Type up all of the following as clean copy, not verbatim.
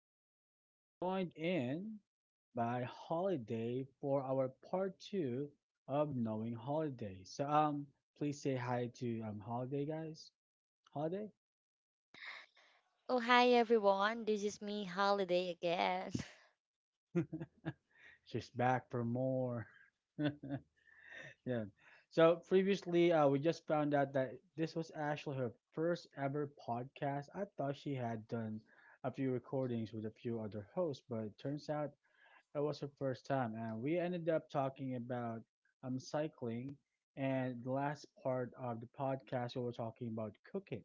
And again, we're joined in by Holiday for our part two of Knowing Holiday. So, please say hi to Holiday, guys. Holiday, Oh, hi everyone. This is me, Holiday again. she's back for more. Yeah. So previously, we just found out that this was actually her first ever podcast. I thought she had done a few recordings with a few other hosts, but it turns out it was her first time, and we ended up talking about cycling. And the last part of the podcast, we were talking about cooking.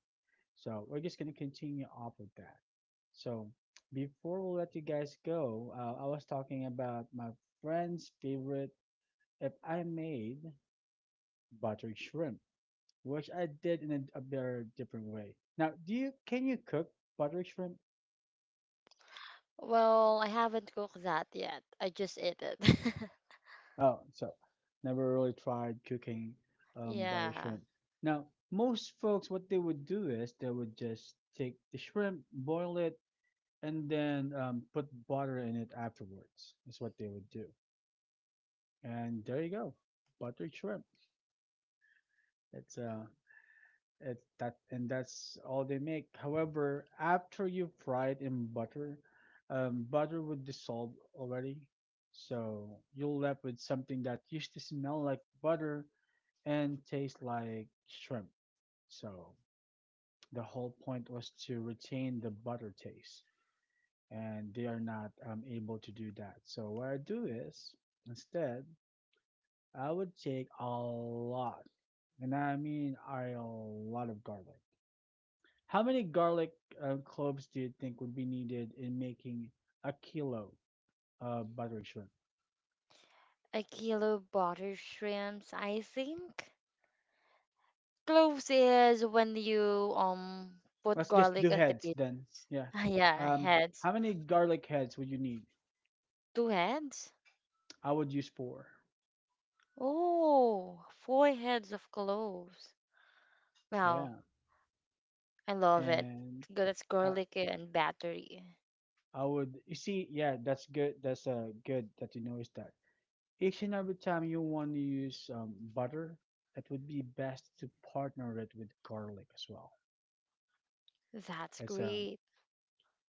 So we're just gonna continue off with that. So before we let you guys go, I was talking about my friend's favorite. If I made buttered shrimp, which I did in a very different way. Now, do you can you cook buttered shrimp? Well, I haven't cooked that yet. I just ate it. Oh, so never really tried cooking barley Yeah. shrimp. Now, most folks, what they would do is they would just take the shrimp, boil it, and then put butter in it afterwards. Is what they would do. And there you go, buttered shrimp. It's uh, it's that, and that's all they make. However, after you fry it in butter, butter would dissolve already, so you're left with something that used to smell like butter and taste like shrimp. So the whole point was to retain the butter taste, and they are not able to do that. So what I do is instead, I would take a lot, and I mean a lot of garlic. How many garlic cloves do you think would be needed in making a kilo of buttery shrimp? A kilo of butter shrimps, I think. Cloves is when you put Let's just garlic do on the heads pieces. then. Yeah. Yeah, Um, heads. how many garlic heads would you need? Two heads? I would use four. Oh, four heads of cloves. Wow, Yeah. I love it. And That's Uh, garlic and battery. I would. You see, yeah, that's good. That's good that you noticed that. Each and every time you want to use butter, it would be best to partner it with garlic as well. That's As great.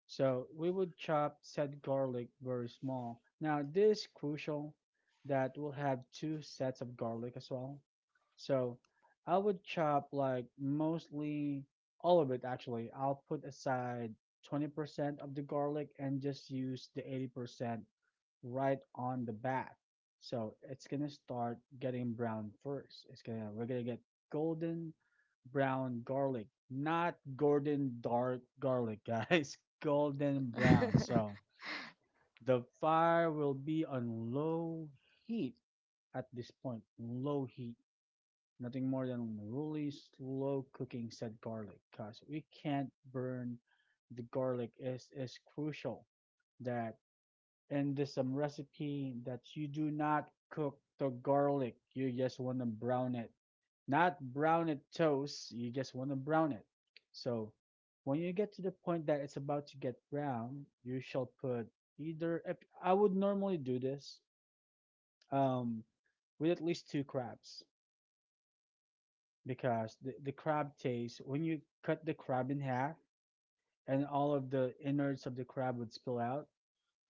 so we would chop said garlic very small. Now this is crucial that we'll have two sets of garlic as well. So I would chop like mostly all of it actually. I'll put aside 20% of the garlic and just use the 80% right on the back. So it's gonna start getting brown first. It's gonna we're gonna get golden brown garlic, not golden dark garlic, guys. Golden brown. So the fire will be on low heat at this point. Low heat. Nothing more than really slow cooking said garlic because we can't burn the garlic is crucial that, and there's some recipe that you do not cook the garlic. You just want to brown it. Not brown it toast. You just want to brown it. So when you get to the point that it's about to get brown, you shall put either. I would normally do this um, with at least two crabs because the crab taste, when you cut the crab in half and all of the innards of the crab would spill out,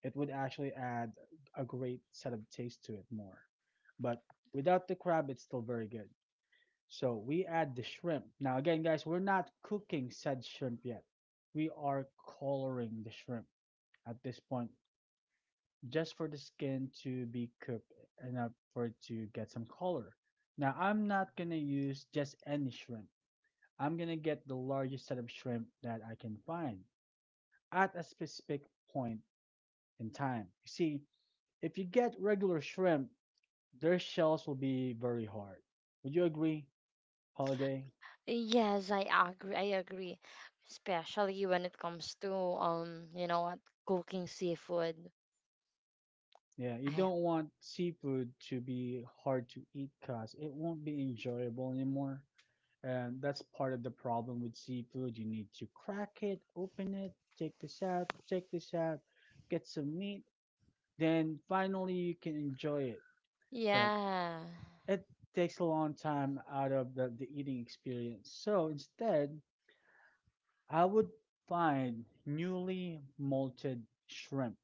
it would actually add a great set of taste to it more. But without the crab, it's still very good. So we add the shrimp. Now, again, guys, we're not cooking said shrimp yet. We are coloring the shrimp at this point just for the skin to be cooked enough for it to get some color. Now, I'm not going to use just any shrimp. I'm going to get the largest set of shrimp that I can find at a specific point in time. You see, if you get regular shrimp, their shells will be very hard. Would you agree, Holiday? Yes, I agree, especially when it comes to you know what, cooking seafood. Yeah, you Ah, don't want seafood to be hard to eat because it won't be enjoyable anymore. And that's part of the problem with seafood. You need to crack it, open it, take this out, get some meat, then finally you can enjoy it. But yeah. it takes a long time out of the eating experience. So instead, I would find newly molted shrimp.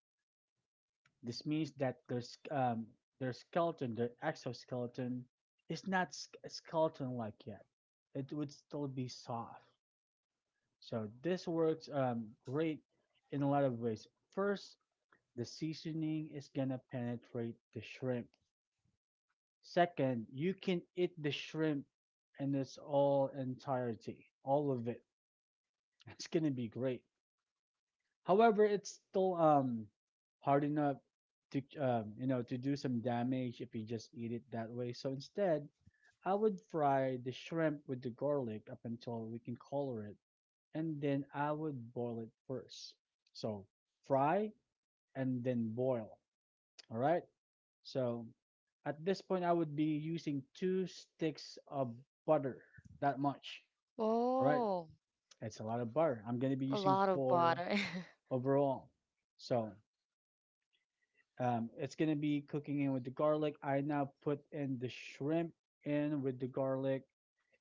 This means that their skeleton, their exoskeleton, is not skeleton like yet. It would still be soft. So this works great in a lot of ways. First, the seasoning is gonna penetrate the shrimp. Second, you can eat the shrimp in its all entirety, all of it. It's gonna be great. However, it's still hard enough to to do some damage if you just eat it that way. So instead, I would fry the shrimp with the garlic up until we can color it, and then I would boil it first. So fry and then boil. All right. So at this point, I would be using two sticks of butter, that much. All right. Oh, It's a lot of butter. I'm going to be a using lot of four butter. overall. So it's gonna be cooking in with the garlic. I now put in the shrimp in with the garlic,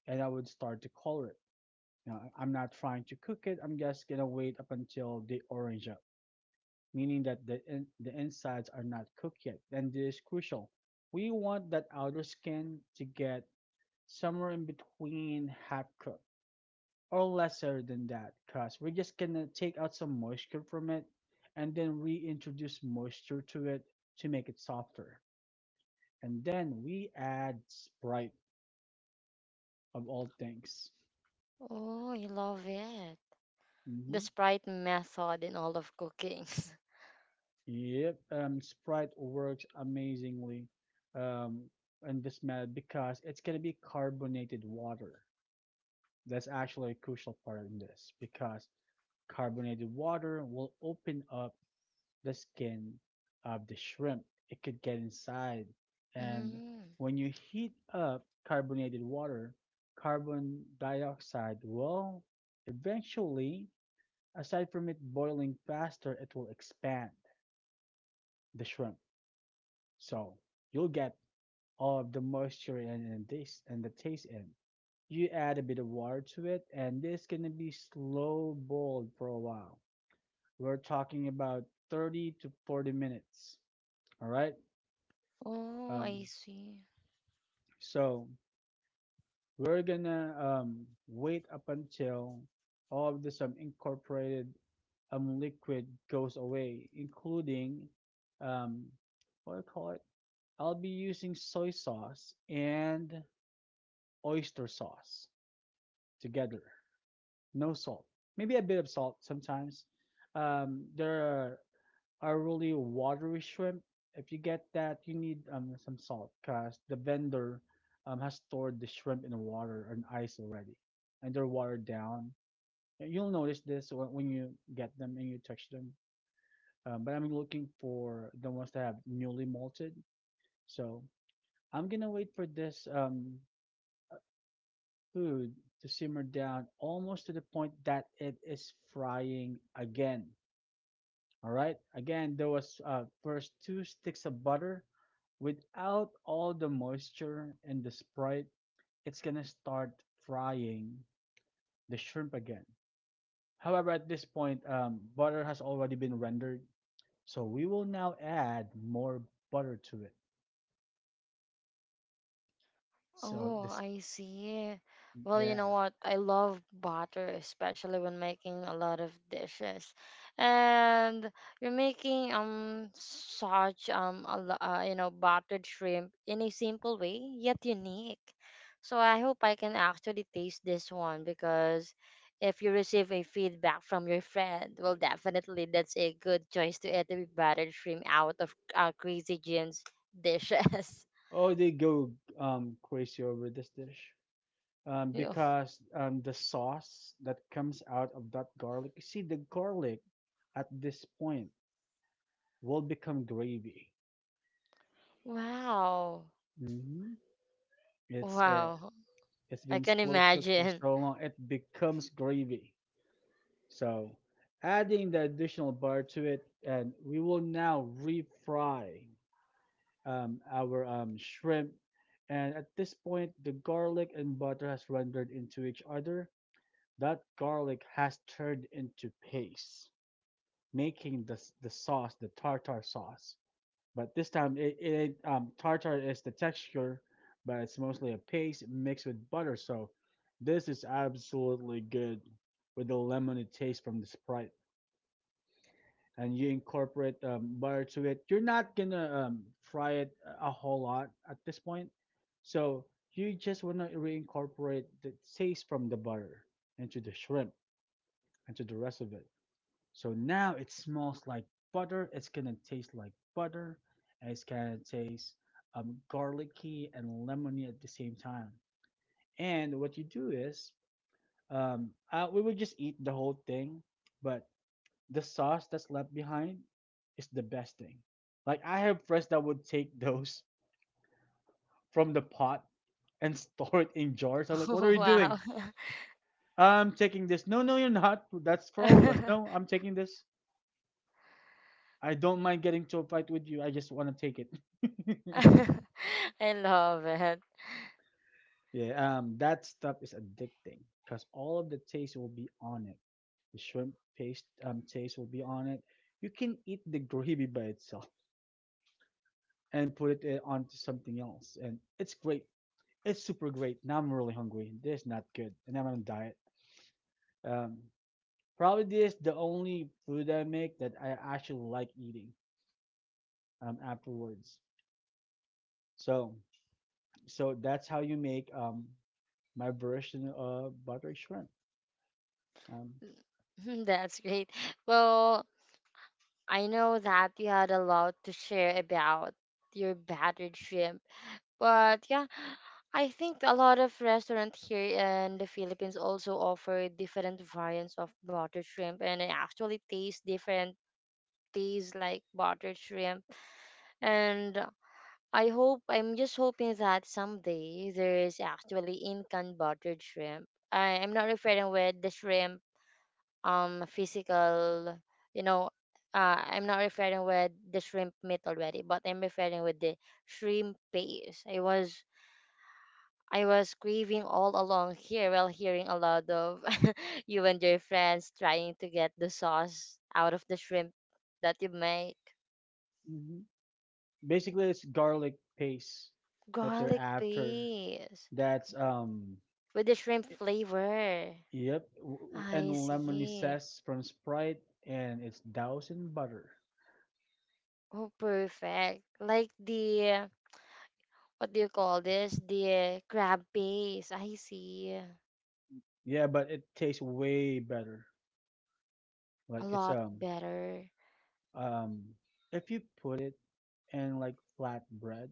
and I would start to color it. Now, I am not trying to cook it. I'm just gonna wait up until they orange up, meaning that the insides are not cooked yet. And this is crucial. We want that outer skin to get somewhere in between half cooked or lesser than that, cause we're just gonna take out some moisture from it and then reintroduce moisture to it to make it softer. And then we add Sprite of all things. Oh, I love it. The Hmm. Sprite method in all of cooking. Yep, Sprite works amazingly um, in this method because it's gonna be carbonated water. That's actually a crucial part in this because carbonated water will open up the skin of the shrimp. It could get inside, and Mm. when you heat up carbonated water, carbon dioxide will eventually. Aside from it boiling faster, it will expand the shrimp. So you'll get all of the moisture and taste and the taste in. You add a bit of water to it, and this gonna be slow boiled for a while. We're talking about 30 to 40 minutes. All right. Oh, Um, I see. so we're gonna wait up until all of this incorporated liquid goes away, including um, what do you call it? I'll be using soy sauce and oyster sauce together. No salt. Maybe a bit of salt sometimes. There are, really watery shrimp. If you get that, you need some salt because the vendor has stored the shrimp in the water and ice already, and they're watered down. You'll notice this when you get them and you touch them. But I'm looking for the ones that have newly molted. So I'm gonna wait for this food to simmer down almost to the point that it is frying again. All right. Again, there was first two sticks of butter. Without all the moisture and the Sprite, it's gonna start frying the shrimp again. However, at this point, butter has already been rendered, so we will now add more butter to it. So Oh, this, I see. Well, you know yeah. what? I love butter, especially when making a lot of dishes. And you're making such a you know buttered shrimp in a simple way yet unique. So I hope I can actually taste this one because if you receive a feedback from your friend, well, definitely that's a good choice to eat the buttered shrimp out of Crazy Jean's dishes. Oh, they go crazy over this dish. um, Yeah. because um, the sauce that comes out of that garlic, you see, the garlic at this point will become gravy. Wow. Hmm. It's uh, Wow, it's I been can slow cooked for imagine. so long, it becomes gravy. So adding the additional bar to it, and we will now refry our shrimp. And at this point, the garlic and butter has rendered into each other. That garlic has turned into paste. Making the sauce, the tartar sauce. But this time, it tartar is the texture, but it's mostly a paste mixed with butter. So this is absolutely good with the lemony taste from the Sprite, and you incorporate butter to it. You're not gonna fry it a whole lot at this point, so you just wanna reincorporate the taste from the butter into the shrimp and to the rest of it. So now it smells like butter. It's gonna taste like butter. And it's gonna taste garlicky and lemony at the same time. And what you do is, we would just eat the whole thing, but the sauce that's left behind is the best thing. Like I have friends that would take those from the pot and store it in jars. I'm like, what are you doing? Wow. I'm taking this. No, no, you're not. That's for all of us. No, I'm taking this. I don't mind getting to a fight with you. I just want to take it. I love it. Yeah, that stuff is addicting because all of the taste will be on it. The shrimp paste taste will be on it. You can eat the gravy by itself and put it onto something else, and it's great. It's super great. Now I'm really hungry. This is not good, and I'm on a diet. Um, Probably this the only food I make that I actually like eating afterwards. So, so that's how you make my version of butter shrimp. Um, That's great. Well, I know that you had a lot to share about your battered shrimp, but yeah, I think a lot of restaurants here in the Philippines also offer different variants of buttered shrimp, and it actually tastes different. Tastes like buttered shrimp, and I'm just hoping that someday there's actually in can buttered shrimp. I'm not referring with the shrimp physical you know I'm not referring with the shrimp meat already, but I'm referring with the shrimp paste. I was craving all along here while hearing a lot of you and your friends trying to get the sauce out of the shrimp that you make. mm-hmm. Basically it's garlic paste that they're Garlic after. paste That's with the shrimp flavor. yep, and I lemony see. zest from Sprite, and it's doused in butter. Oh, perfect. Like the, what do you call this? The crab paste. I see. Yeah, but it tastes way better. A Like, it's lot better. um if you put it in like flatbread.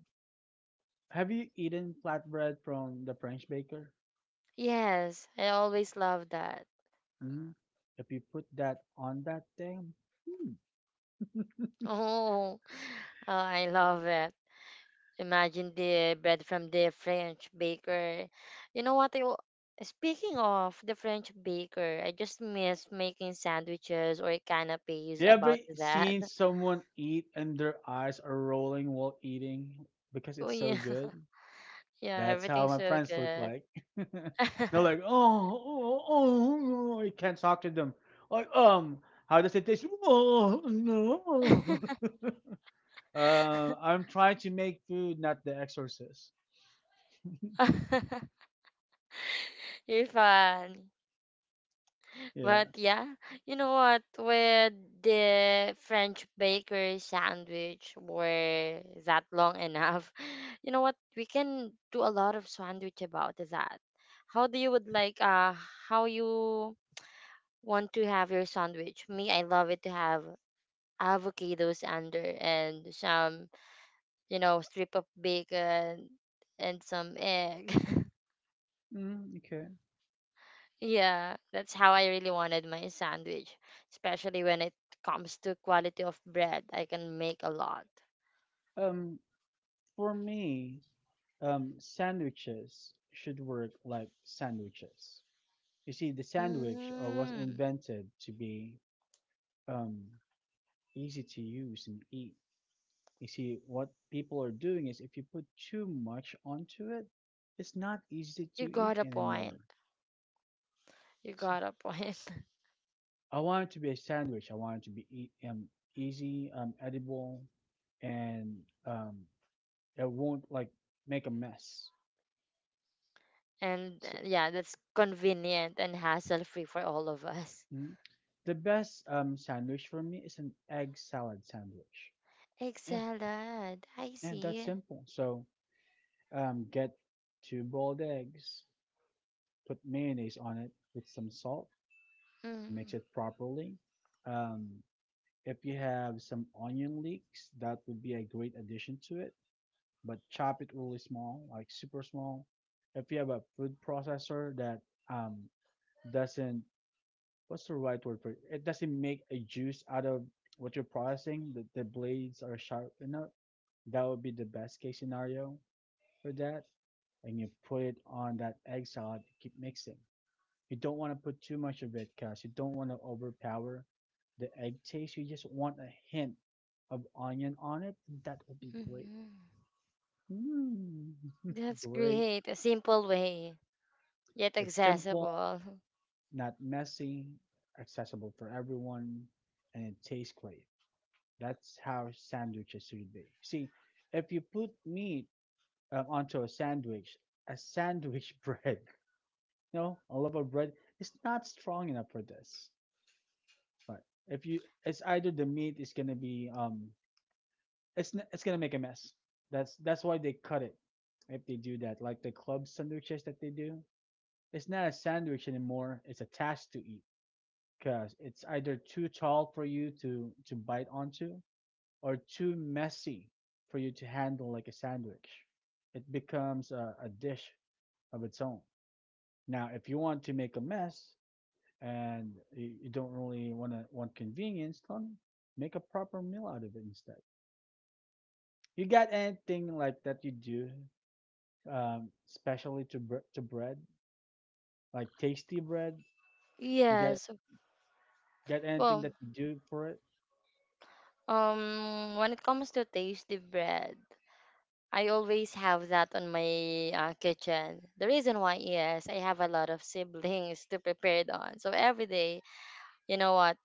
Have you eaten flatbread from the French baker? Yes, I always love that. Mm? If you put that on that thing, hmm, Oh, oh, I love it. Imagine the bread from the French baker. You know what? Speaking of the French baker, I just miss making sandwiches or canapes you ever about that. seen someone eat and their eyes are rolling while eating because Oh, it's so yeah. good? Yeah, That's how everything's my so friends look good. like. They're like, oh, oh, oh, oh, you can't talk to them. Like, how does it taste? Oh, no. I'm trying to make food, not the exorcist. You're fun. Yeah. But yeah, you know what? With the French bakery sandwich were that long enough. You know what? We can do a lot of sandwich about that. How do you would like how you want to have your sandwich? Me, I love it to have avocados under and some, you know, strip of bacon and some egg. Mm, okay. Yeah, that's how I really wanted my sandwich, especially when it comes to quality of bread. I can make a lot. Um, for me, sandwiches should work like sandwiches. You see, the sandwich was Mm, invented to be um, easy to use and eat. You see, what people are doing is if you put too much onto it, it's not easy to you eat got a anymore. point. You S- got a point. I want it to be a sandwich. I want it to be easy, edible, and um, it won't like make a mess. And So yeah, that's convenient and hassle-free for all of us. mm, the best sandwich for me is an egg salad sandwich. Egg Yeah, salad. I and that's see. simple. So, get two boiled eggs, put mayonnaise on it with some salt, Mm, mix it properly. Um, if you have some onion leeks, that would be a great addition to it, but chop it really small, like super small. If you have a food processor that um, doesn't, what's the right word for it? It doesn't make a juice out of what you're processing, that the blades are sharp enough, that would be the best case scenario for that. And you put it on that egg salad. You keep mixing. You don't want to put too much of it because you don't want to overpower the egg taste. You just want a hint of onion on it. That would be great. mhm. Mm. That's Great. great. A simple way, yet It's simple, accessible. not messy, accessible for everyone, and it tastes great. That's how sandwiches should be. See, if you put meat onto a sandwich bread, a loaf of bread is not strong enough for this. Right. If you, it's either the meat is gonna be, it's gonna make a mess. That's why they cut it. If they do that, like the club sandwiches that they do, it's not a sandwich anymore. It's a task to eat because it's either too tall for you to bite onto or too messy for you to handle like a sandwich. It becomes a dish of its own. Now, if you want to make a mess, and you don't really want to want convenience, then make a proper meal out of it instead. You got anything like that you do, especially to to bread, like tasty bread? You got Yes. got anything Well, that you do for it? When it comes to tasty bread. I always have that on my kitchen. The reason why is I have a lot of siblings to prepare it on. So every day, you know what,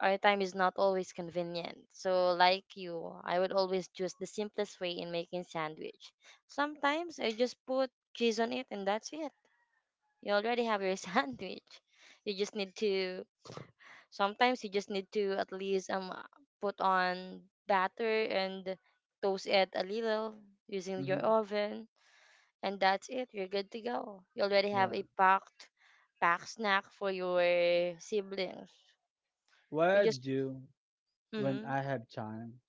our time is not always convenient. So like you, I would always choose the simplest way in making sandwich. Sometimes I just put cheese on it and that's it. You already have your sandwich. You just need to Sometimes you just need to at least put on batter and toast it a little using your Hmm. oven and that's it. You're good to go. You already have Yeah. a packed snack for your siblings. What We I just do when Mm-hmm. I have time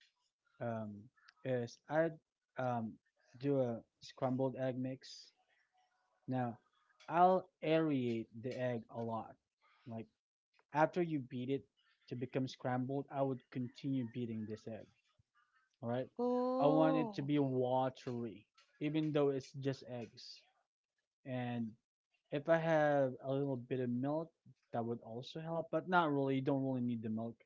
um, is I um, do a scrambled egg mix. Now, I'll aerate the egg a lot, like, after you beat it to become scrambled, I would continue beating this egg. All right. I want it to Oh. be watery, even though it's just eggs. And if I have a little bit of milk, that would also help, but not really. You don't really need the milk.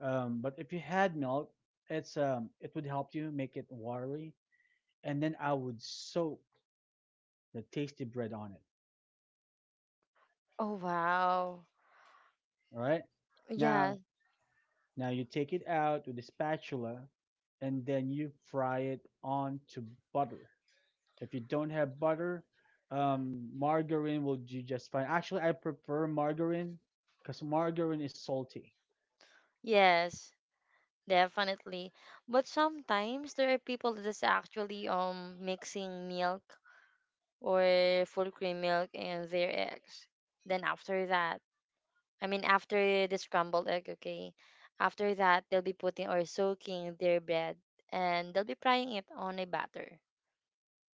But if you had milk, it would help you make it watery. And then I would soak the tasty bread on it. Oh wow. All right. Yeah. Now Now you take it out with a spatula and then you fry it onto butter. If you don't have butter, margarine will do just fine. Actually, I prefer margarine because margarine is salty. Yes. Definitely. But sometimes there are people that is actually mixing milk or full cream milk and their eggs. Then after that, I mean, after the scrambled egg, okay. After that, they'll be putting or soaking their bread and they'll be frying it on a batter.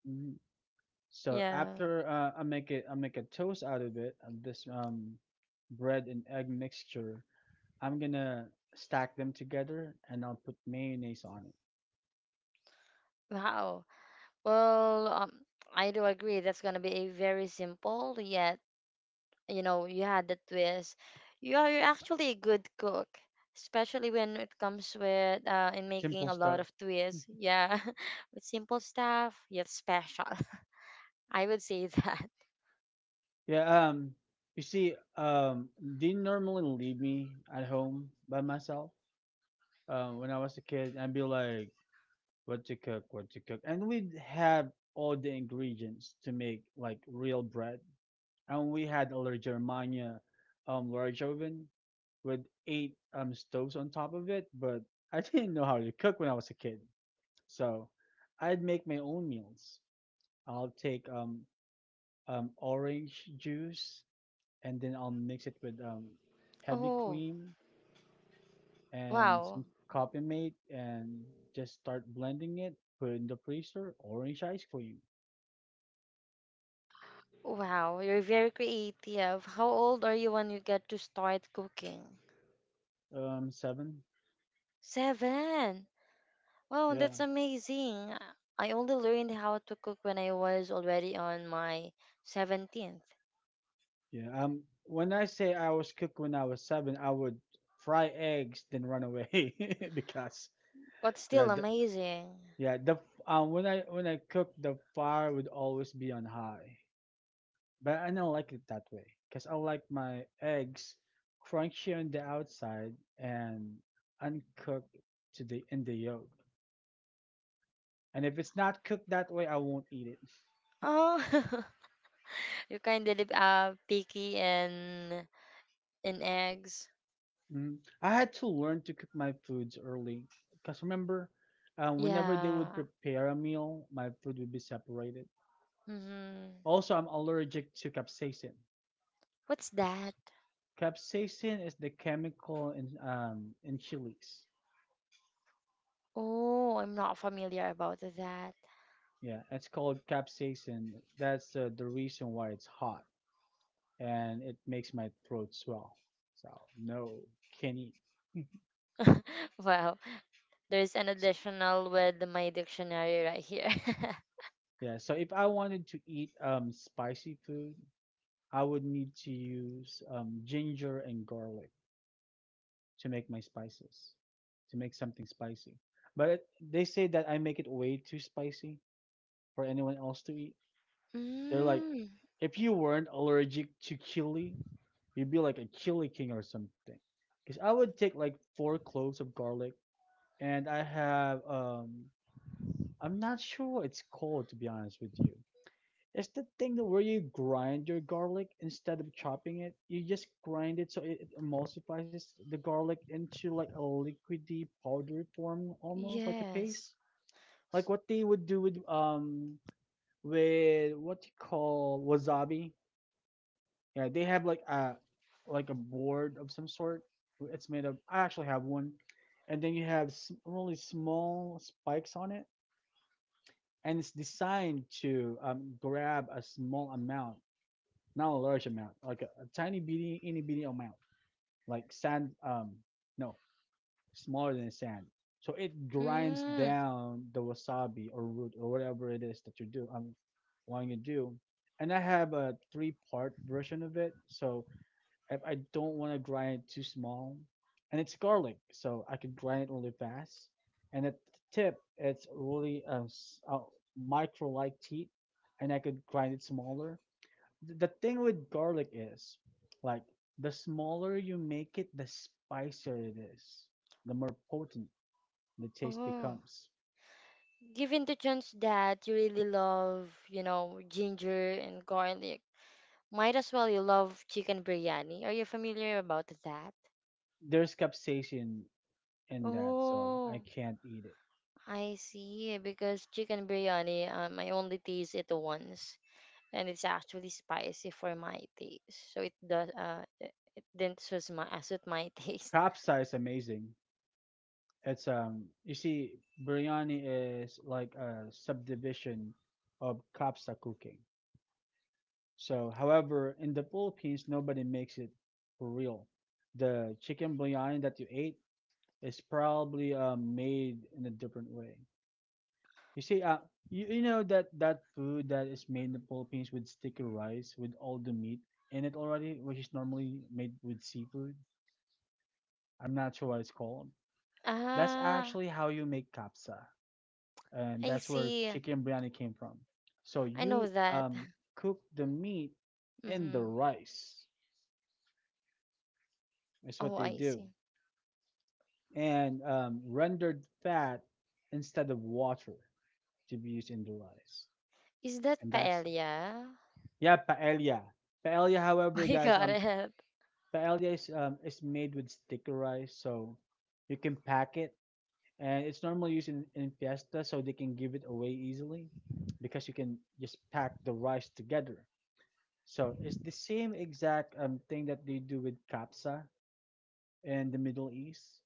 Mhm. So Yeah. after I make it, I make a toast out of it. Of this bread and egg mixture, I'm gonna stack them together and I'll put mayonnaise on it. Wow. Well, I do agree. That's gonna be a very simple yet, you know, you had the twist. You're actually a good cook, especially when it comes with in making Simple a lot stuff. of twists. Yeah, with simple stuff yet special. I would say that. Yeah, you see, they normally leave me at home by myself. When I was a kid, I'd be like, "What to cook? What to cook?" And we'd have all the ingredients to make like real bread. And we had a large Germania, large oven with eight stoves on top of it. But I didn't know how to cook when I was a kid, so I'd make my own meals. I'll take orange juice and then I'll mix it with heavy Oh, cream and wow. some coffee mate and just start blending it. Put in the freezer, orange ice cream. Wow, you're very creative. How old are you when you get to start cooking? 7. Seven. Wow, Yeah, that's amazing. I only learned how to cook when I was already on my 17th, yeah. When I say I was cooked when I was 7, I would fry eggs then run away because but still the amazing. yeah, the when I cook the fire would always be on high. But I don't like it that way because I like my eggs crunchy on the outside and uncooked to the in the yolk. And if it's not cooked that way, I won't eat it. Oh, you kind of picky in eggs. Mm. I had to learn to cook my foods early because remember, whenever they would Yeah. prepare a meal, my food would be separated. Mm-hmm. Also, I'm allergic to capsaicin. What's that? Capsaicin is the chemical in chilies. Oh, I'm not familiar about that. Yeah, it's called capsaicin. That's the reason why it's hot. And it makes my throat swell. So no, can't eat. Wow. There's an additional with my dictionary right here. Yeah, so if I wanted to eat spicy food, I would need to use ginger and garlic to make my spices, to make something spicy. They say that I make it way too spicy for anyone else to eat. They're like, Mm, if you weren't allergic to chili, you'd be like a chili king or something. Because I would take like four cloves of garlic, and I'm not sure what it's called to be honest with you. It's the thing that where you grind your garlic instead of chopping it. You just grind it so it emulsifies the garlic into like a liquidy powdery form, almost like a yes. paste. Like what they would do with what you call wasabi. Yeah, they have like a board of some sort. It's made of. I actually have one, and then you have really small spikes on it, and it's designed to grab a small amount, not a large amount, like a tiny bitty, itty bitty amount, like sand. No, smaller than sand. So it grinds Mm, down the wasabi or root or whatever it is that you do. I'm wanting to do, and I have a three-part version of it. So I don't want to grind it too small, and it's garlic, so I can grind it really fast. And at the tip, it's really a micro-like teeth, and I could grind it smaller. The thing with garlic is, like, the smaller you make it, the spicier it is, the more potent the taste oh. becomes. Given the chance that you really love, you know, ginger and garlic, might as well you love chicken biryani. Are you familiar about that? There's capsaicin in that, so I Oh, can't eat it. I see. Because chicken biryani, I only taste it once. And it's actually spicy for my taste. So it does it it didn't suit my suit my taste. Capsa is amazing. It's You see, biryani is like a subdivision of kapsa cooking. So however, in the Philippines nobody makes it for real. The chicken biryani that you ate is probably made in a different way. You see, you, you know that that food that is made in the Philippines with sticky rice with all the meat in it already, which is normally made with seafood. I'm not sure what it's called. That's Ah, actually how you make kapsa. And I that's where see. chicken biryani came from. So I know you that. Cook the meat in the Mm-hmm. rice. That's Oh, what they I do, see. and rendered fat instead of water to be used in the rice. Is that And that's, paella? yeah, paella. Paella, however, I guys, got it. paella is made with sticky rice, so you can pack it, and it's normally used in fiesta, so they can give it away easily because you can just pack the rice together. So it's the same exact thing that they do with kapsa in the Middle East.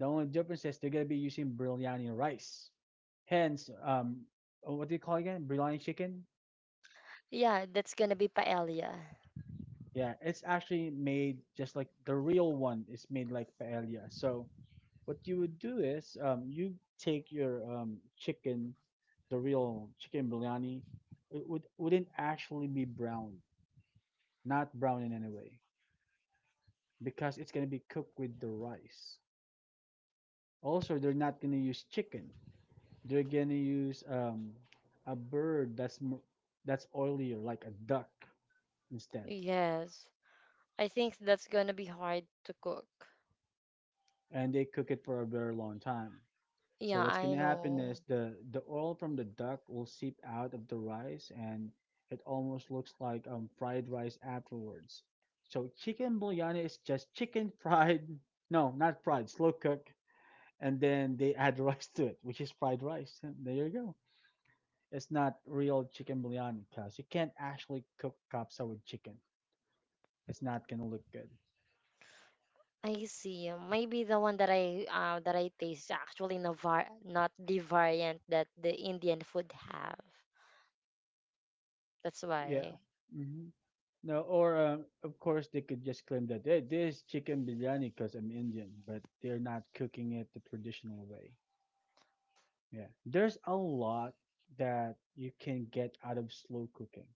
The only difference is they're gonna be using biryani rice. Hence, what do you call it again? Biryani chicken. Yeah, that's gonna be paella. Yeah, it's actually made just like the real one is made like paella. So what you would do is, you take your chicken, the real chicken biryani. It would wouldn't actually be brown, not brown in any way, because it's gonna be cooked with the rice. Also, they're not gonna use chicken. They're gonna use a bird that's that's oilier, like a duck instead, Yes. I think that's gonna be hard to cook. and they cook it for a very long time. So Yeah, what's I gonna happen know. is the oil from the duck will seep out of the rice, and it almost looks like fried rice afterwards. So chicken biryani is just chicken fried, no, not fried, slow cooked, and then they add rice to it, which is fried rice. There you go. It's not real chicken biryani because you can't actually cook kapsa with chicken. It's not gonna look good. I see. Maybe the one that I taste is actually not the variant that the Indian food have. That's Yeah. why. Hmm. No, or of course they could just claim that, hey, this is chicken biryani because I'm Indian, but they're not cooking it the traditional way. Yeah. There's a lot that you can get out of slow cooking.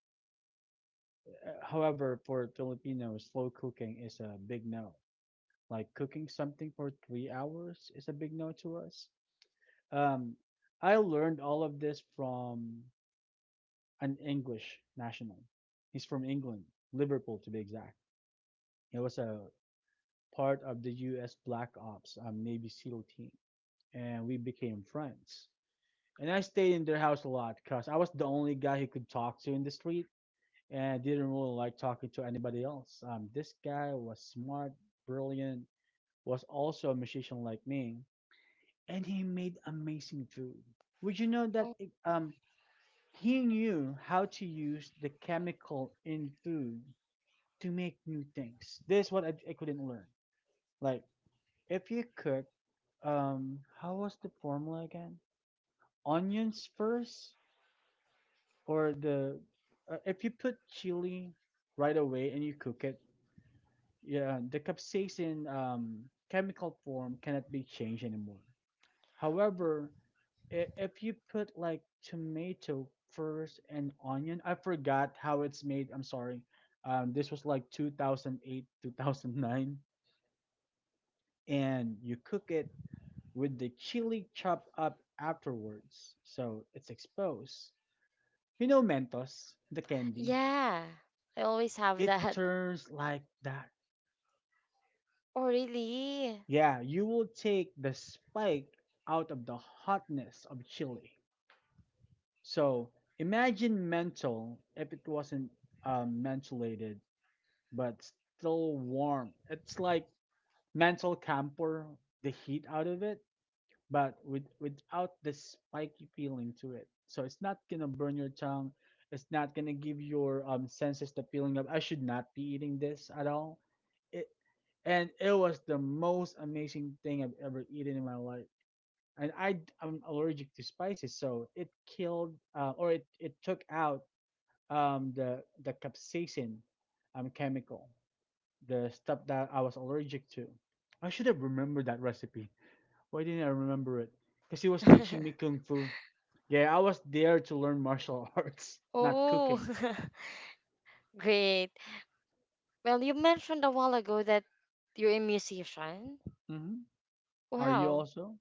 However, for Filipinos, slow cooking is a big no. Like cooking something for 3 hours is a big no to us. Um, I learned all of this from an English national. He's from England, Liverpool to be exact. He was a part of the U.S. Black Ops Navy SEAL team, and we became friends. And I stayed in their house a lot because I was the only guy he could talk to in the street, and didn't really like talking to anybody else. This guy was smart, brilliant, was also a musician like me, and he made amazing food. Would you know Oh, that? um, He knew how to use the chemical in food to make new things. This is what I couldn't learn. Like if you cook, how was the formula again? Onions first, or the if you put chili right away and you cook it, yeah, the capsaicin chemical form cannot be changed anymore. However, if you put like tomato first and onion, I forgot how it's made. I'm sorry. This was like 2008, 2009, and you cook it with the chili chopped up afterwards, so it's exposed. You know Mentos, the candy. yeah, I always have It that. turns like that. Oh, really? Yeah, you will take the spike out of the hotness of chili. So imagine mental if it wasn't mentholated, but still warm. It's like mental camphor, the heat out of it, but without the spiky feeling to it. So it's not gonna burn your tongue. It's not gonna give your senses the feeling of I should not be eating this at all. It and it was the most amazing thing I've ever eaten in my life. And I am allergic to spices, so it killed it took out the capsaicin chemical, the stuff that I was allergic to. I should have remembered that recipe. Why didn't I remember it? Because he was teaching me kung fu. Yeah, I was there to learn martial arts, not Oh, cooking. great. Well, you mentioned a while ago that you're a musician. Hmm. Are you Wow. also?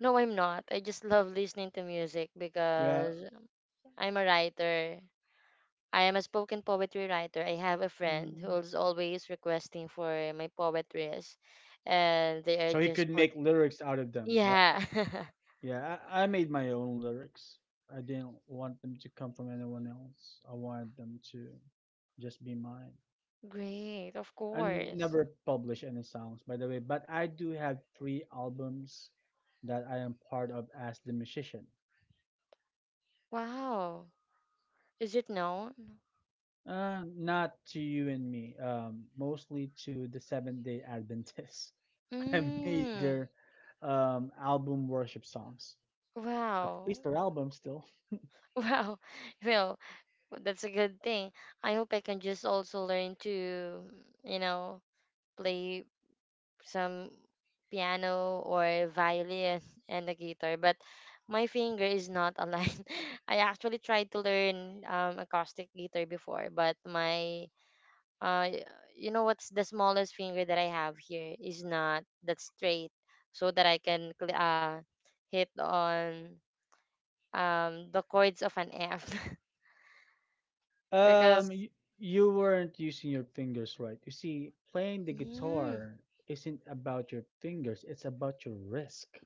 No, I'm not. I just love listening to music Yeah. because I'm a writer. I am a spoken poetry writer. I have a friend Mm. who's always requesting for my poetries, and they are So he just could put, make lyrics out of them, right? yeah. Yeah, I made my own lyrics. I didn't want them to come from anyone else. I wanted them to just be mine. Great, of I course. never publish any songs, by the way, but I do have three albums that I am part of as the musician. Wow. Is it known? Not to you and me, mostly to the Seventh Day Adventists. I made Mm. their album worship songs. At Wow. least their album still. Wow. Well, that's a good thing. I hope I can just also learn to, you know, play some piano or violin and the guitar, but my finger is not aligned. I actually tried to learn acoustic guitar before, but my uh y- you know what's the smallest finger that I have here is not that straight so that I can hit on the chords of an F. Because Um, you, you weren't using your fingers right. You see, playing the mm, guitar isn't about your fingers; it's about your wrist.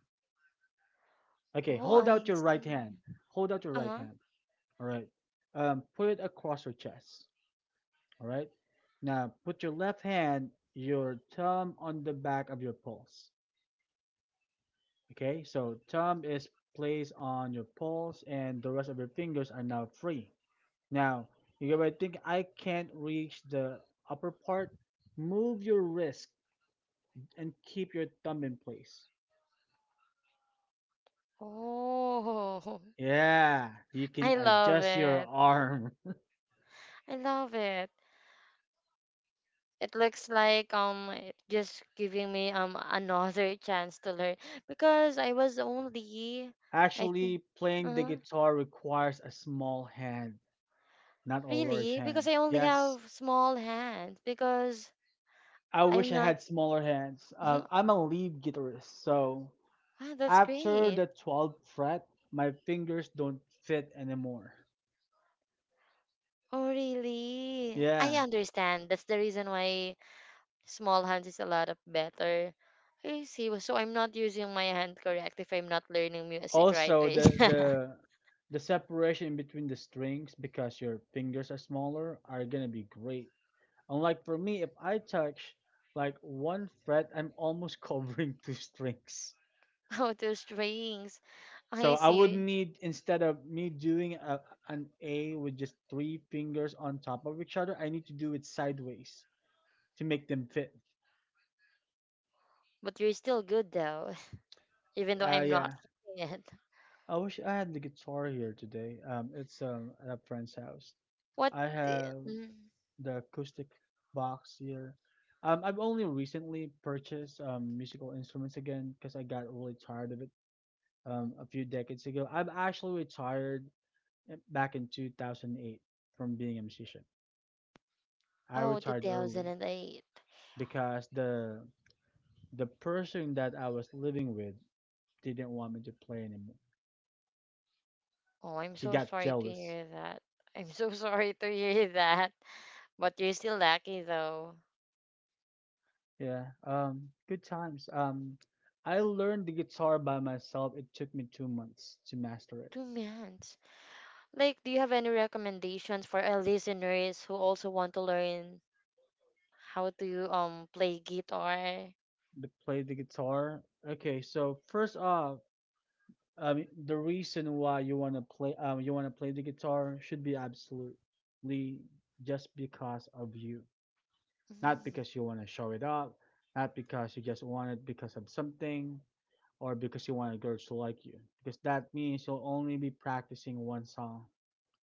Okay, oh hold out I your right see. hand. Hold out your right Uh-huh. hand. All right. Put it across your chest. All right. Now put your left hand, your thumb on the back of your pulse. Okay. So thumb is placed on your pulse, and the rest of your fingers are now free. Now you might think I can't reach the upper part. Move your wrist and keep your thumb in place. Oh, Yeah, you can I love adjust your it, arm. I love it. It looks like it just giving me another chance to learn because I was only I think. Actually, playing the Uh-huh. guitar requires a small hand. Not a large Really? Because hand. I only Yes. have small hands. Because I wish I'm I not. had smaller hands. I'm a lead guitarist, so Ah, that's after great. the 12th fret, my fingers don't fit anymore. Oh, really? I Yeah. understand. That's the reason why small hands is a lot of better. I see. Well, so I'm not using my hand correct if I'm not learning music right Also, way. the the the separation between the strings, because your fingers are smaller, are gonna be great. Unlike for me, if I touch like one fret, I'm almost covering two strings. How to strings. So I I would see. need, instead of me doing an A with just three fingers on top of each other, I need to do it sideways to make them fit. But you're still good though, even though I'm not Yeah. seeing it. I wish I had the guitar here today. It's at a friend's house. What? I the- have mm, the acoustic box here. I've only recently purchased musical instruments again because I got really tired of it a few decades ago. I have actually retired back in 2008 from being a musician. I Oh, retired early 2008. because the person that I was living with didn't want me to play anymore. Oh, I'm She so got sorry to jealous. hear that. I'm so sorry to hear that. But you're still lucky though. Yeah. Good times. I learned the guitar by myself. It took me 2 months to master it. 2 months. Like, do you have any recommendations for our listeners who also want to learn how to play guitar? To play the guitar. Okay. So first off, the reason why you wanna play the guitar should be absolutely just because of you, not Mm. because you wanna show it off, not because you just want it because of something. Or because you want girls to like you. Because that means you'll only be practicing one song,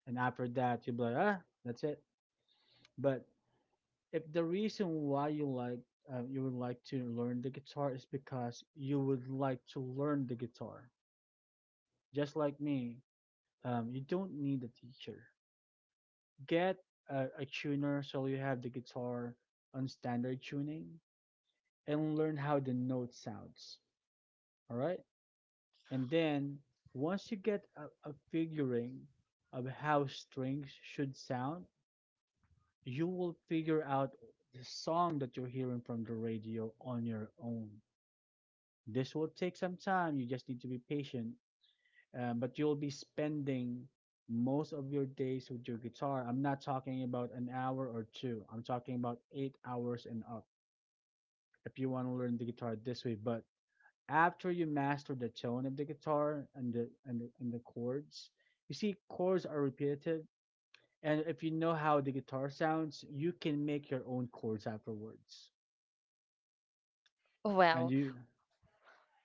and after that you'll be like, ah, that's it. But if the reason why you would like to learn the guitar is because you would like to learn the guitar, just like me, you don't need a teacher. Get a tuner so you have the guitar on standard tuning and learn how the note sounds. All right. And then once you get a figuring of how strings should sound, you will figure out the song that you're hearing from the radio on your own. This will take some time. You just need to be patient. But you'll be spending most of your days with your guitar. I'm not talking about an hour or two. I'm talking about 8 hours and up if you want to learn the guitar this way. But after you master the tone of the guitar and the chords. You see, chords are repetitive, and if you know how the guitar sounds, you can make your own chords afterwards, and Wow. you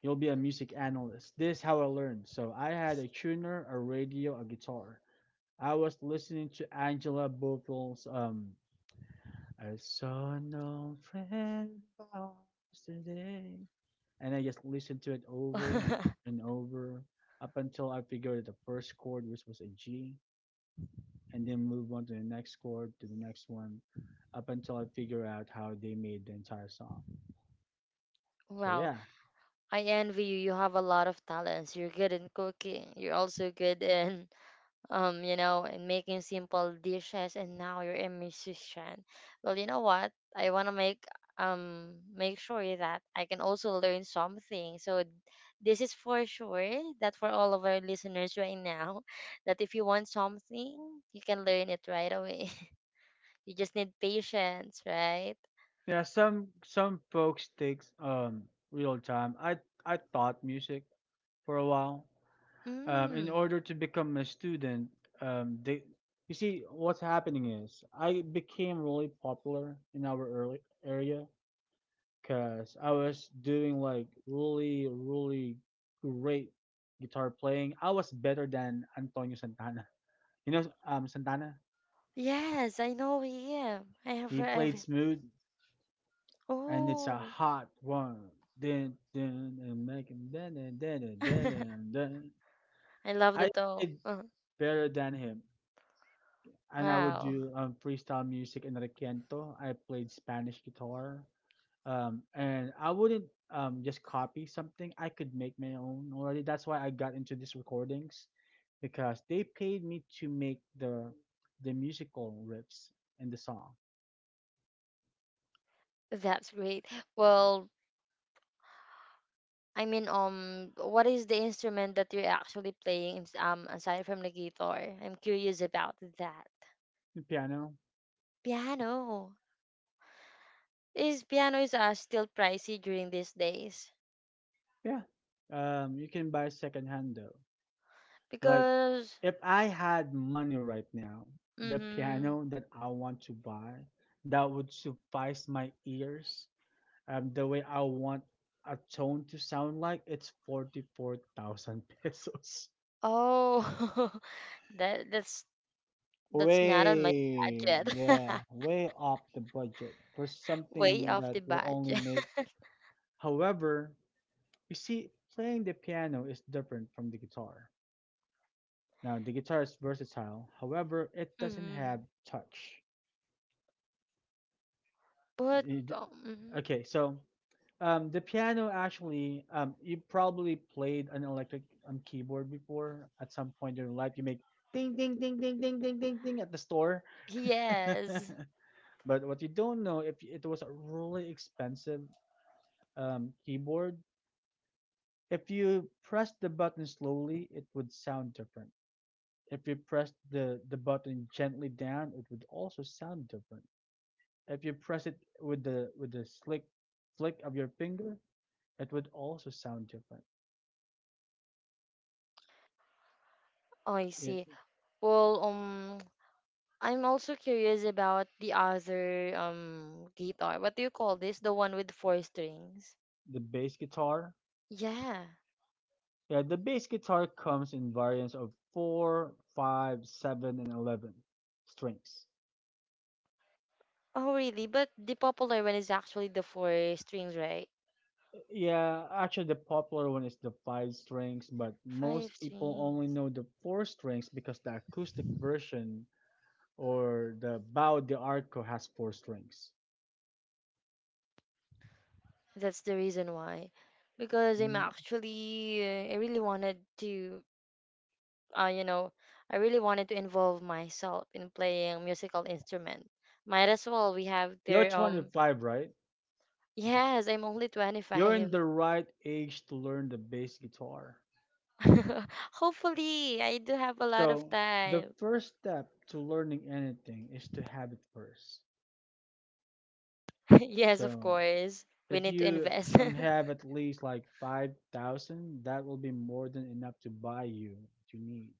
you'll be a music analyst. This is how I learned. So I had a tuner, a radio, a guitar. I was listening to Angela Bovil's I Saw No Friend Today. And I just listened to it over and over up until I figured out the first chord, which was a G, and then move on to the next chord, to the next one, up until I figure out how they made the entire song. So Wow. yeah. I envy you. You have a lot of talents. You're good in cooking. You're also good in you know, and making simple dishes, and now you're a musician. Well, you know what? I want to make sure that I can also learn something. So this is for sure that for all of our listeners right now, that if you want something, you can learn it right away. You just need patience, right? Yeah, some folks takes real time. I taught music for a while. In Mm. order to become a student, they, you see, what's happening is I became really popular in our early area because I was doing like really great guitar playing. I was better than Antonio Santana. You know, Santana. Yes, I know him. I have He I've played Smooth, and It's a Oh, Hot One. Then, and making then and then and then and then. I love the I tone. did better than him. And I would Wow. do freestyle music and requinto. I played Spanish guitar, and I wouldn't just copy something. I could make my own already. That's why I got into these recordings, because they paid me to make the musical riffs in the song. That's great. Well, I mean, what is the instrument that you're actually playing? Aside from the guitar, I'm curious about that. The piano, Piano. Is piano is still pricey during these days? yeah. You can buy secondhand though. Like, Because, if I had money right now, the mm-hmm. piano that I want to buy that would suffice my ears, the way I want a tone to sound like, it's 44,000 pesos. Oh, that that's that's not on my Way, budget. yeah, way off the budget for Way something off that the will only budget. make. However, you see, playing the piano is different from the guitar. Now, the guitar is versatile. However, it doesn't have Mhm. touch. But You d- mm-hmm. Okay, so the piano actually, you probably played an electric keyboard before at some point in your life. You make ding ding ding ding ding ding ding ding at the store. Yes, But what you don't know, if it was a really expensive keyboard, if you press the button slowly, it would sound different. If you press the button gently down, it would also sound different. If you press it with the slick flick of your finger, it would also sound different. I Yeah, see. Well, I'm also curious about the other guitar. What do you call this? The one with four strings. the bass guitar. Yeah. Yeah, the bass guitar comes in variants of four, five, 7, and 11 strings. Oh, really? But the popular one is actually the four strings, right? Yeah, actually, the popular one is the five strings, but Five most people only strings. know the four strings because the acoustic version or the Bao de Arco has four strings. That's the reason why. Because I'm Mm. actually, I really wanted to, you know, I really wanted to involve myself in playing musical instrument. Might as well. We have You're their. 25, right? Yes, I'm only You're in 25. the right age to learn the bass guitar. Hopefully, I do have a lot of So, the time. first step to learning anything is to have it first. Yes, of So, course. We If need to you invest. Have at least like 5,000, that will be more than enough to buy you what you need.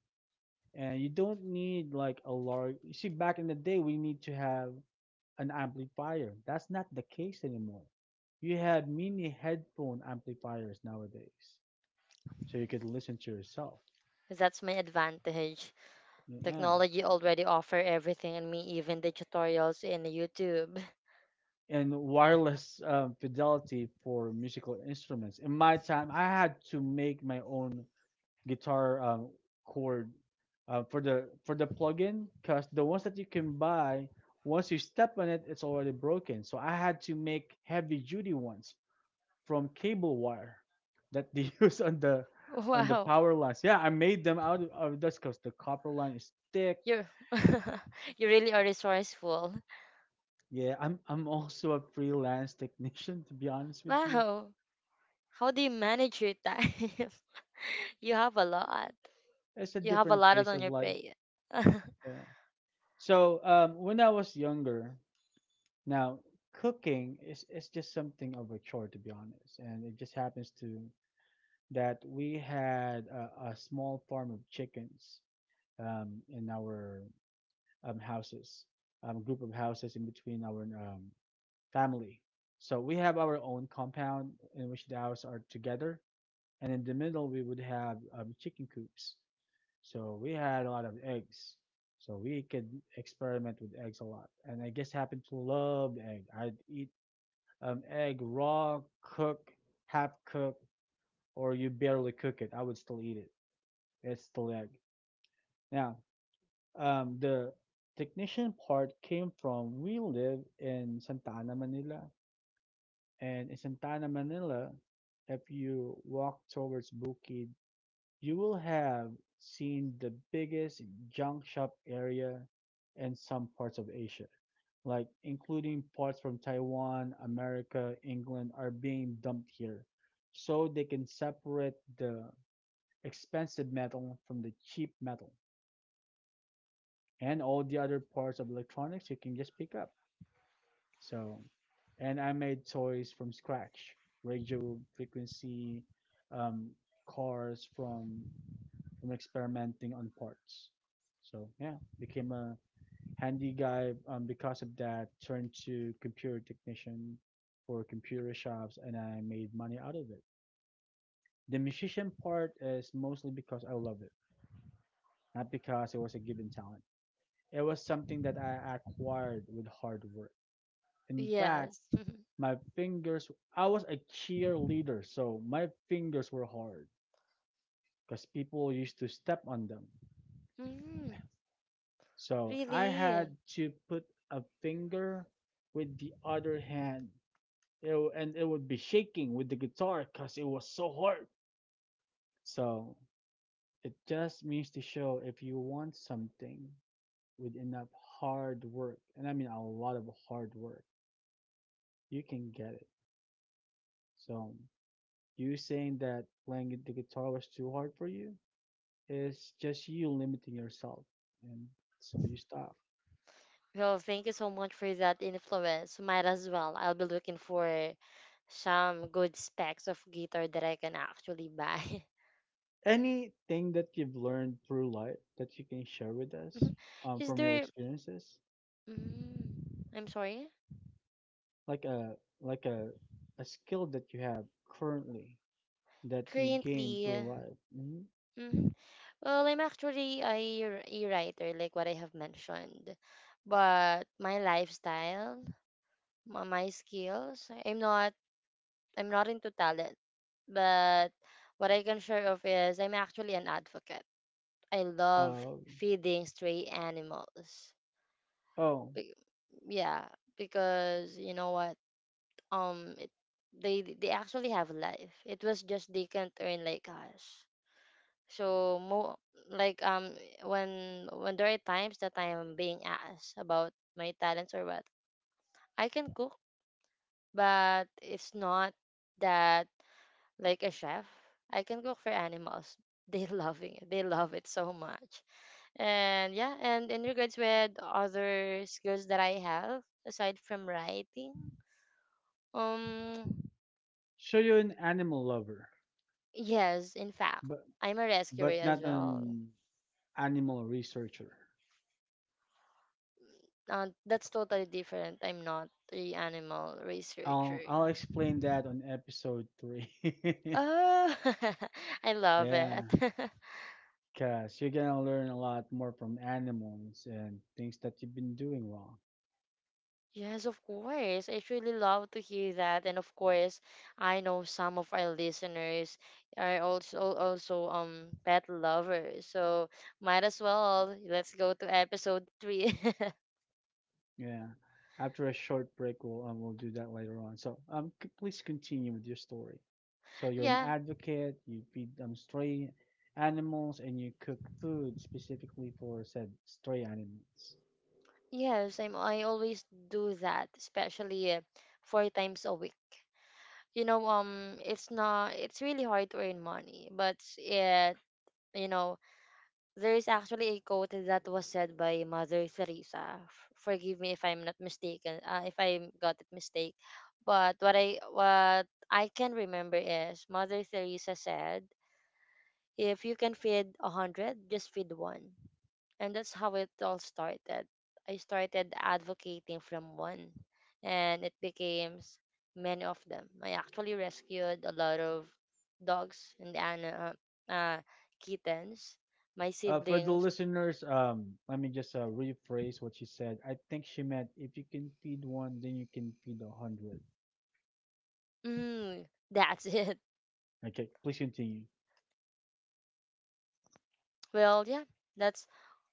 And you don't need like a large. You see, back in the day, we need to have an amplifier. That's not the case anymore. You have mini headphone amplifiers nowadays, so you could listen to yourself. That's my advantage. Yeah. Technology already offer everything and me even the tutorials in YouTube. And wireless fidelity for musical instruments. In my time, I had to make my own guitar chord for the plugin, because the ones that you can buy, once you step on it, it's already broken. So I had to make heavy duty ones from cable wire that they use on the Wow. power lines. Yeah, I made them out of dust because the copper line is thick. You're you really are resourceful. Yeah, I'm also a freelance technician, to be honest with you. Wow. How do you manage your time? You have a lot. It's a You have a different lot phase on of your life. plate. Yeah, so when I was younger. Now, cooking is, it's just something of a chore, to be honest, and it just happens to that we had a small farm of chickens in our houses, group of houses in between our family. So we have our own compound in which the houses are together, and in the middle we would have chicken coops. So we had a lot of eggs. So we could experiment with eggs a lot, and I just happened to love egg. I'd eat egg raw, cook, half cook, or you barely cook it, I would still eat it. It's still egg. Now, the technician part came from we live in Santa Ana, Manila, and in Santa Ana, Manila, if you walk towards Bukid, you will have seen the biggest junk shop area in some parts of Asia, like including parts from Taiwan, America, England, are being dumped here so they can separate the expensive metal from the cheap metal, and all the other parts of electronics you can just pick up. So, and I made toys from scratch, radio frequency, um, cars from experimenting on parts. So yeah, became a handy guy because of that, turned to computer technician for computer shops, and I made money out of it. The musician part is mostly because I love it, not because it was a given talent. It was something that I acquired with hard work. In fact, Yes. my fingers, I was a cheerleader, so my fingers were hard because people used to step on them. Mm, So I really? had to put a finger with the other hand, and it would be shaking with the guitar because it was so hard. So it just means to show if you want something with enough hard work, and I mean a lot of hard work, you can get it. So you saying that playing the guitar was too hard for you is just you limiting yourself, and so you stop. Well, thank you so much for that influence. Might as well. I'll be looking for some good specs of guitar that I can actually buy. Anything that you've learned through life that you can share with us Mhm. Is from your there. experiences? I'm sorry? like a like a a skill that you have currently that you gain through Currently. life. Mm-hmm. Well, I'm actually a writer, like what I have mentioned. But my lifestyle, my skills, I'm not. I'm not into talent. But what I can share of is I'm actually an advocate. I love Um, feeding stray animals. oh, Be- yeah, because you know what? Um, it, they actually have life. It was just they can't earn like us. So mo like when there are times that I am being asked about my talents or what I can cook, but it's not that like a chef. I can cook for animals. They loving it. They love it so much. And yeah, and in regards with other skills that I have aside from writing, um, so you're an animal lover, yes, in fact, but I'm a rescuer but as not well. an animal researcher. That's totally different. I'm not a animal researcher. I'll explain that on episode three. Oh, I love Yeah, it. cause you're gonna learn a lot more from animals and things that you've been doing wrong. Yes, of course. I truly love to hear that. And of course, I know some of our listeners are also pet lovers. So might as well let's go to episode three. Yeah. After a short break, we'll do that later on. So please continue with your story. So you're an Yeah. advocate. You feed stray animals, and you cook food specifically for said stray animals. Yes, I always do that, especially four times a week. You know, it's not it's really hard to earn money, but yeah, you know, There is actually a quote that was said by Mother Teresa. Forgive me if I'm not mistaken, if I got it mistake. But what I can remember is Mother Teresa said, "If you can feed 100, just feed one." And that's how it all started. I started advocating from one, and it became many of them. I actually rescued a lot of dogs and uh, kittens. My For the siblings. listeners, let me just rephrase what she said. I think she meant if you can feed one, then you can feed a hundred. Mm, that's it. Okay, please continue. Well, yeah, that's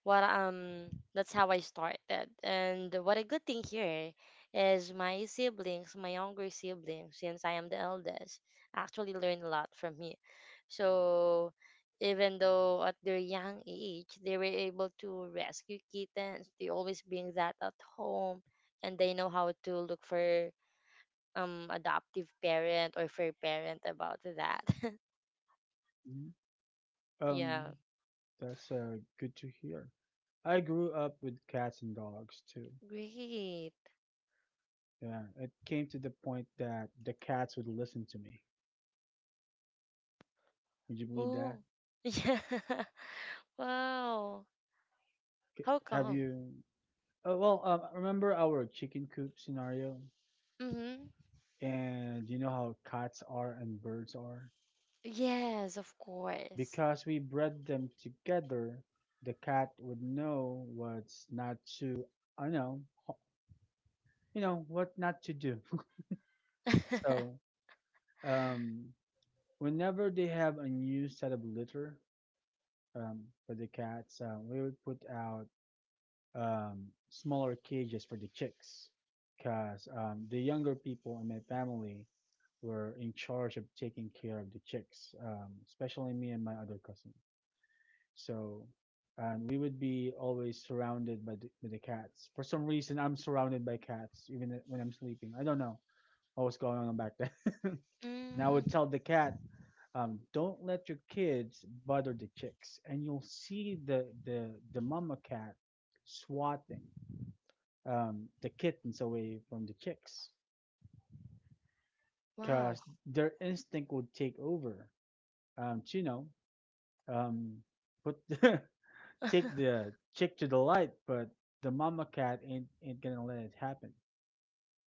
what um that's how I started. And what a good thing here is my siblings, my younger siblings, since I am the eldest, actually learned a lot from me. So even though at their young age they were able to rescue kittens, they always bring that at home and they know how to look for adoptive parent or for parent about that. Mhm. Yeah. Um, that's good to hear. I grew up with cats and dogs too. Great. Yeah, it came to the point that the cats would listen to me. Would you believe Oh, that? yeah. Wow. How Have come? you? Well, remember our chicken coop scenario? Mm-hmm. And you know how cats are and birds are? Yes, of course. Because we bred them together, the cat would know what's not to, I know, you know, what not to do. So, um, whenever they have a new set of litter um, for the cats, we would put out smaller cages for the chicks because the younger people in my family were in charge of taking care of the chicks, especially me and my other cousin. So, and we would be always surrounded by the cats. For some reason, I'm surrounded by cats even when I'm sleeping. I don't know what was going on back then. And I would Mm, tell the cat, don't let your kids bother the chicks, and you'll see the mama cat swatting the kittens away from the chicks wow. because their instinct would take over. To, you know, um, put the, take the chick to the light, but the mama cat ain't gonna let it happen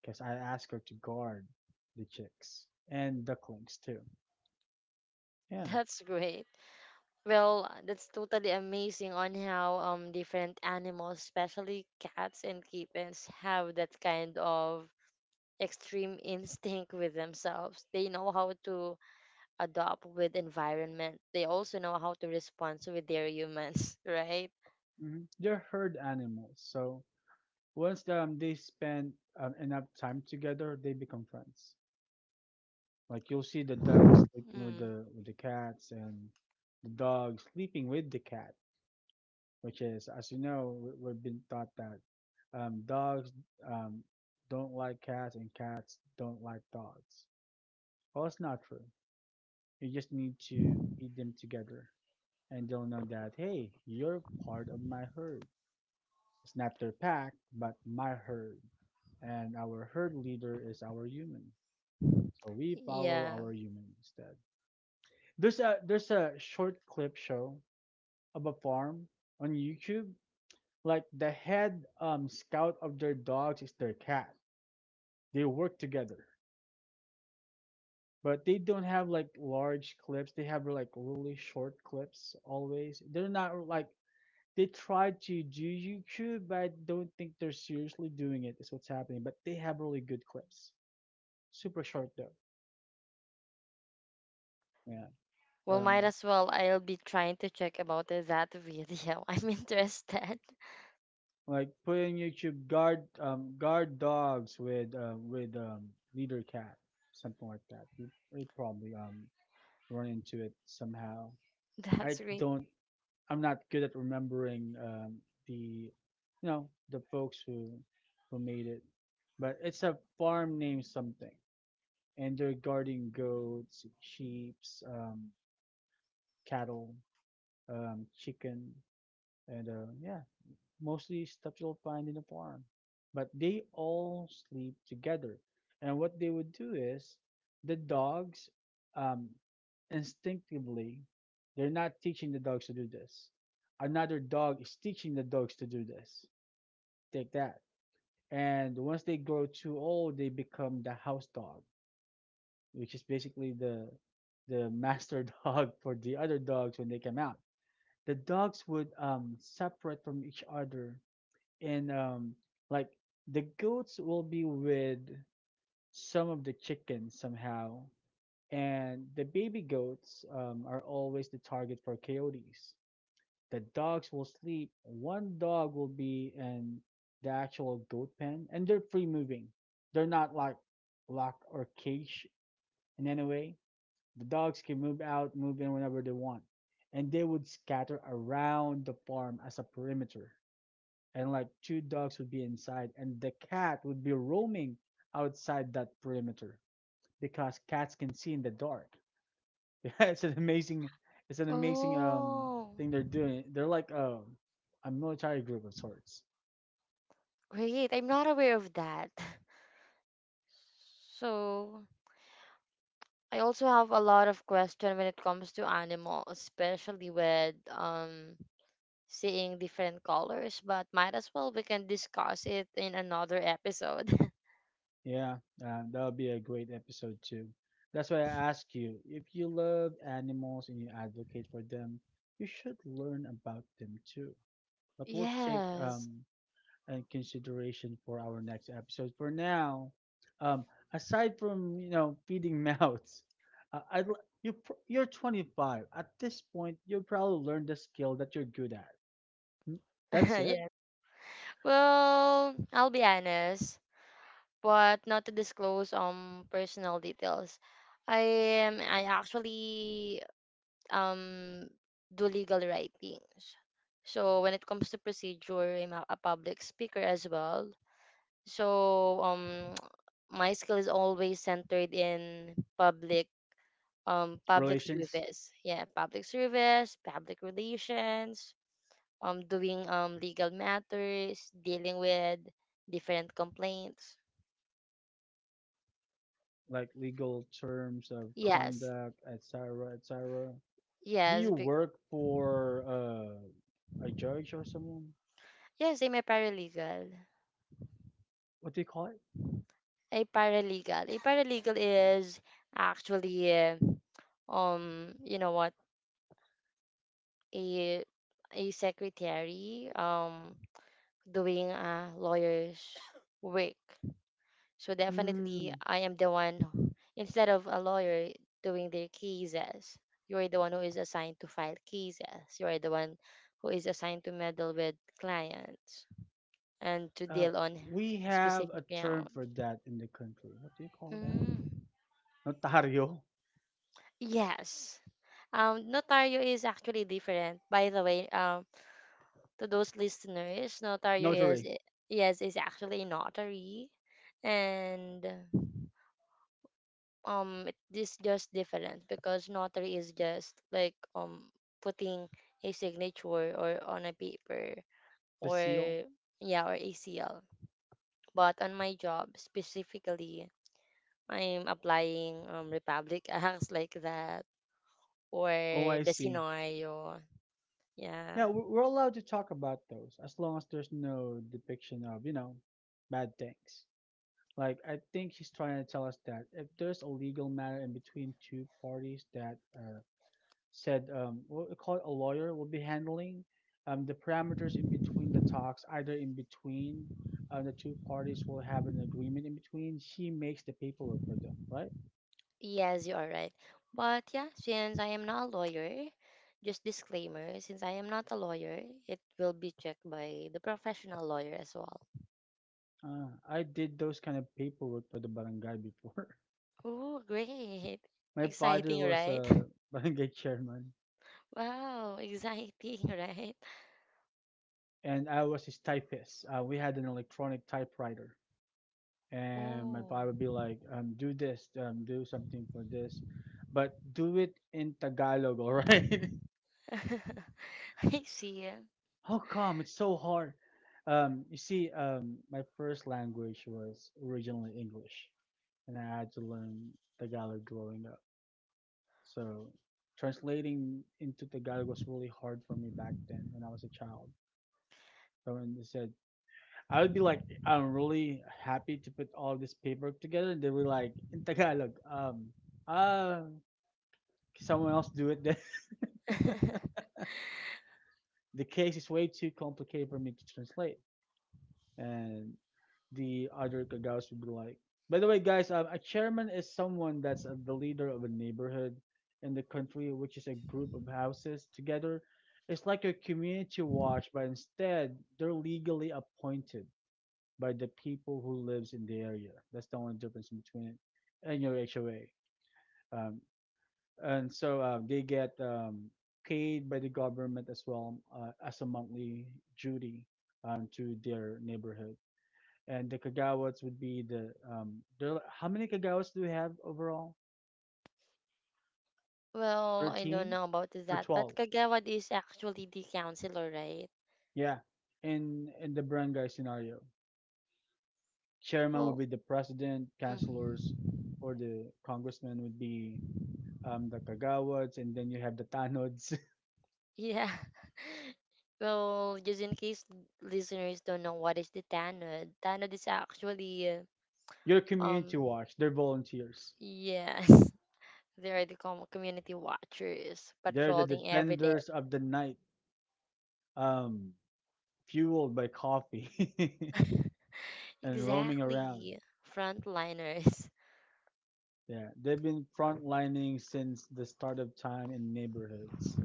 because I asked her to guard the chicks and ducklings too. Yeah, That's great. Well, that's totally amazing on how different animals, especially cats and kittens, have that kind of extreme instinct with themselves. They know how to adapt with environment. They also know how to respond with their humans, right? They're herd animals, so once they spend enough time together, they become friends. Like you'll see the ducks sleeping with Mm. the cats, and the dog sleeping with the cat, which is, as you know, we've been taught that dogs um, don't like cats and cats don't like dogs. Well, it's not true. You just need to feed them together, and they'll know that hey, you're part of my herd. It's not their pack, but my herd, and our herd leader is our human. So we follow Yeah. our human instead. There's a short clip show of a farm on YouTube. Like the head scout of their dogs is their cat. They work together, but they don't have like large clips. They have like really short clips always. They're not like, they try to do YouTube, but I don't think they're seriously doing it, is what's happening. But they have really good clips. Super short though. Yeah. Well, might Um, as well. I'll be trying to check about that video. I'm interested. like putting YouTube guard guard dogs with leader cat, something like that. You probably run into it somehow. That's I great. don't. I'm not good at remembering the you know the folks who made it, but it's a farm name something, and they're guarding goats, sheep, um, cattle, chicken, and yeah, mostly stuff you'll find in a farm. But they all sleep together. And what they would do is the dogs um, instinctively, they're not teaching the dogs to do this. Another dog is teaching the dogs to do this. Take that. And once they grow too old, they become the house dog, which is basically the master dog for the other dogs when they come out. The dogs would separate from each other and like the goats will be with some of the chickens somehow, and the baby goats are always the target for coyotes. The dogs will sleep, one dog will be in the actual goat pen, and they're free moving. They're not like locked or caged in any way. The dogs can move out, move in whenever they want, and they would scatter around the farm as a perimeter. And like two dogs would be inside, and the cat would be roaming outside that perimeter because cats can see in the dark. Yeah, it's an amazing, it's an amazing Oh, thing they're doing. They're like a military group of sorts. great. I'm not aware of that. So, I also have a lot of question when it comes to animals, especially with seeing different colors, but might as well we can discuss it in another episode. Yeah, that would be a great episode too. That's why I ask you, if you love animals and you advocate for them, you should learn about them too. But we'll take Yes. And consideration for our next episode. For now, um, aside from you know feeding mouths, I, you're 25 at this point. You'll probably learn the skill that you're good at. Mm, that's it. Yeah. Well, I'll be honest, but not to disclose personal details. I I actually um do legal writings. So when it comes to procedure, I'm a public speaker as well. So my skill is always centered in public public Relations service. Yeah, public service, public relations, doing legal matters, dealing with different complaints. like legal terms of Yes, conduct, etc., etc. Do yes, you work for a judge or someone? yes, I'm a paralegal. What do you call it? A paralegal. A paralegal is actually you know what a a secretary doing a lawyer's work. So definitely Mm, I am the one instead of a lawyer doing their cases, you are the one who is assigned to file cases. You are the one who is assigned to meddle with clients and to uh, deal on we have a specific term grounds. for that in the country. What do you call that? Mm. Notario, Yes. Notario is actually different, by the way. To those listeners, Notario notary, yes, is actually a notary, and it is just different because notary is just like putting a signature or on a paper the or seal. yeah or a seal. But on my job specifically, I'm applying Republic Acts like that or the OIC. scenario. Yeah. Yeah, we're allowed to talk about those as long as there's no depiction of, you know, bad things. Like, I think he's trying to tell us that if there's a legal matter in between two parties, that said we'll call it, a lawyer will be handling the parameters in between the talks, either in between the two parties will have an agreement in between, she makes the paperwork for them, right? Yes, you are right. But yeah, since I am not a lawyer, just disclaimer, since I am not a lawyer, it will be checked by the professional lawyer as well. Uh, I did those kind of paperwork for the barangay before. Oh, great. My father Exciting, was right? a barangay chairman, Wow, exciting, right? and I was his typist. Uh, we had an electronic typewriter, and my Oh. father would be like, do this, do something for this, but do it in Tagalog. All right. I see. How come? It's so hard. You see, my first language was originally English, and I had to learn Tagalog growing up. So translating into Tagalog was really hard for me back then when I was a child. So when they said, I would be like, I'm really happy to put all this paperwork together. And they were like, in Tagalog, ah, someone else do it then. The case is way too complicated for me to translate. And the other kagawas would be like. By the way, guys, a chairman is someone that's the leader of a neighborhood in the country, which is a group of houses together. It's like a community watch, but instead they're legally appointed by the people who lives in the area. That's the only difference between it and your HOA. Um, and so they get paid by the government as well as a monthly duty to their neighborhood, and the Kagawas would be the there, how many Kagawas do we have overall? Well, I don't 13 know about or that, but 12? Kagawad is actually the counselor, right? Yeah. In the barangay scenario, chairman would Well, be the president, councilors mm. or the congressman would be the Kagawas, and then you have the Tanods. Yeah. Well, just in case listeners don't know what is the tanod, tanod is actually Your community um watch, they're volunteers. yes, they are the community watchers They're the patrolling every day. defenders of the night, um fueled by coffee and roaming around. Exactly, frontliners. Yeah, they've been frontlining since the start of time in neighborhoods.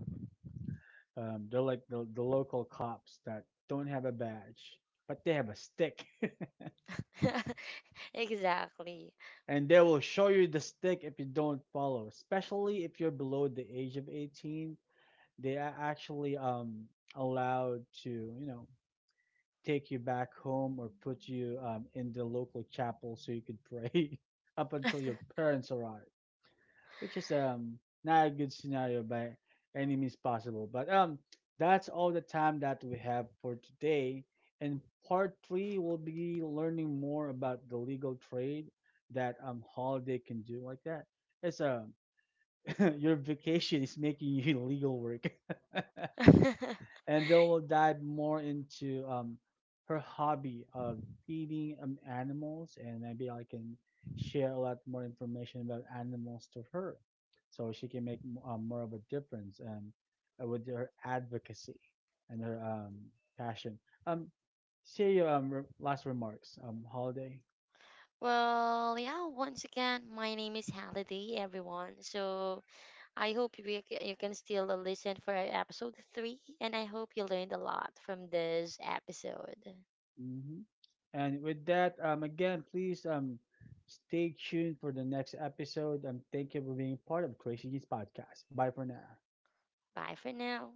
They're like the local cops that don't have a badge, but they have a stick. Exactly. And they will show you the stick if you don't follow, especially if you're below the age of 18. They are actually allowed to, you know, take you back home or put you in the local chapel so you could pray up until your parents arrive, which is not a good scenario by any means possible. But that's all the time that we have for today. In part three, we'll be learning more about the legal trade that Holiday can do, like that. It's your vacation is making you legal work, and they will dive more into her hobby of feeding animals, and maybe I can share a lot more information about animals to her, so she can make more of a difference, and with her advocacy and her passion. Um, share your last remarks, Holiday. Well, yeah, once again, my name is Halliday, everyone. So I hope you can still listen for episode three, and I hope you learned a lot from this episode. hmm And with that, again, please stay tuned for the next episode. Thank you for being part of Crazy Geeks Podcast. Bye for now. Bye for now.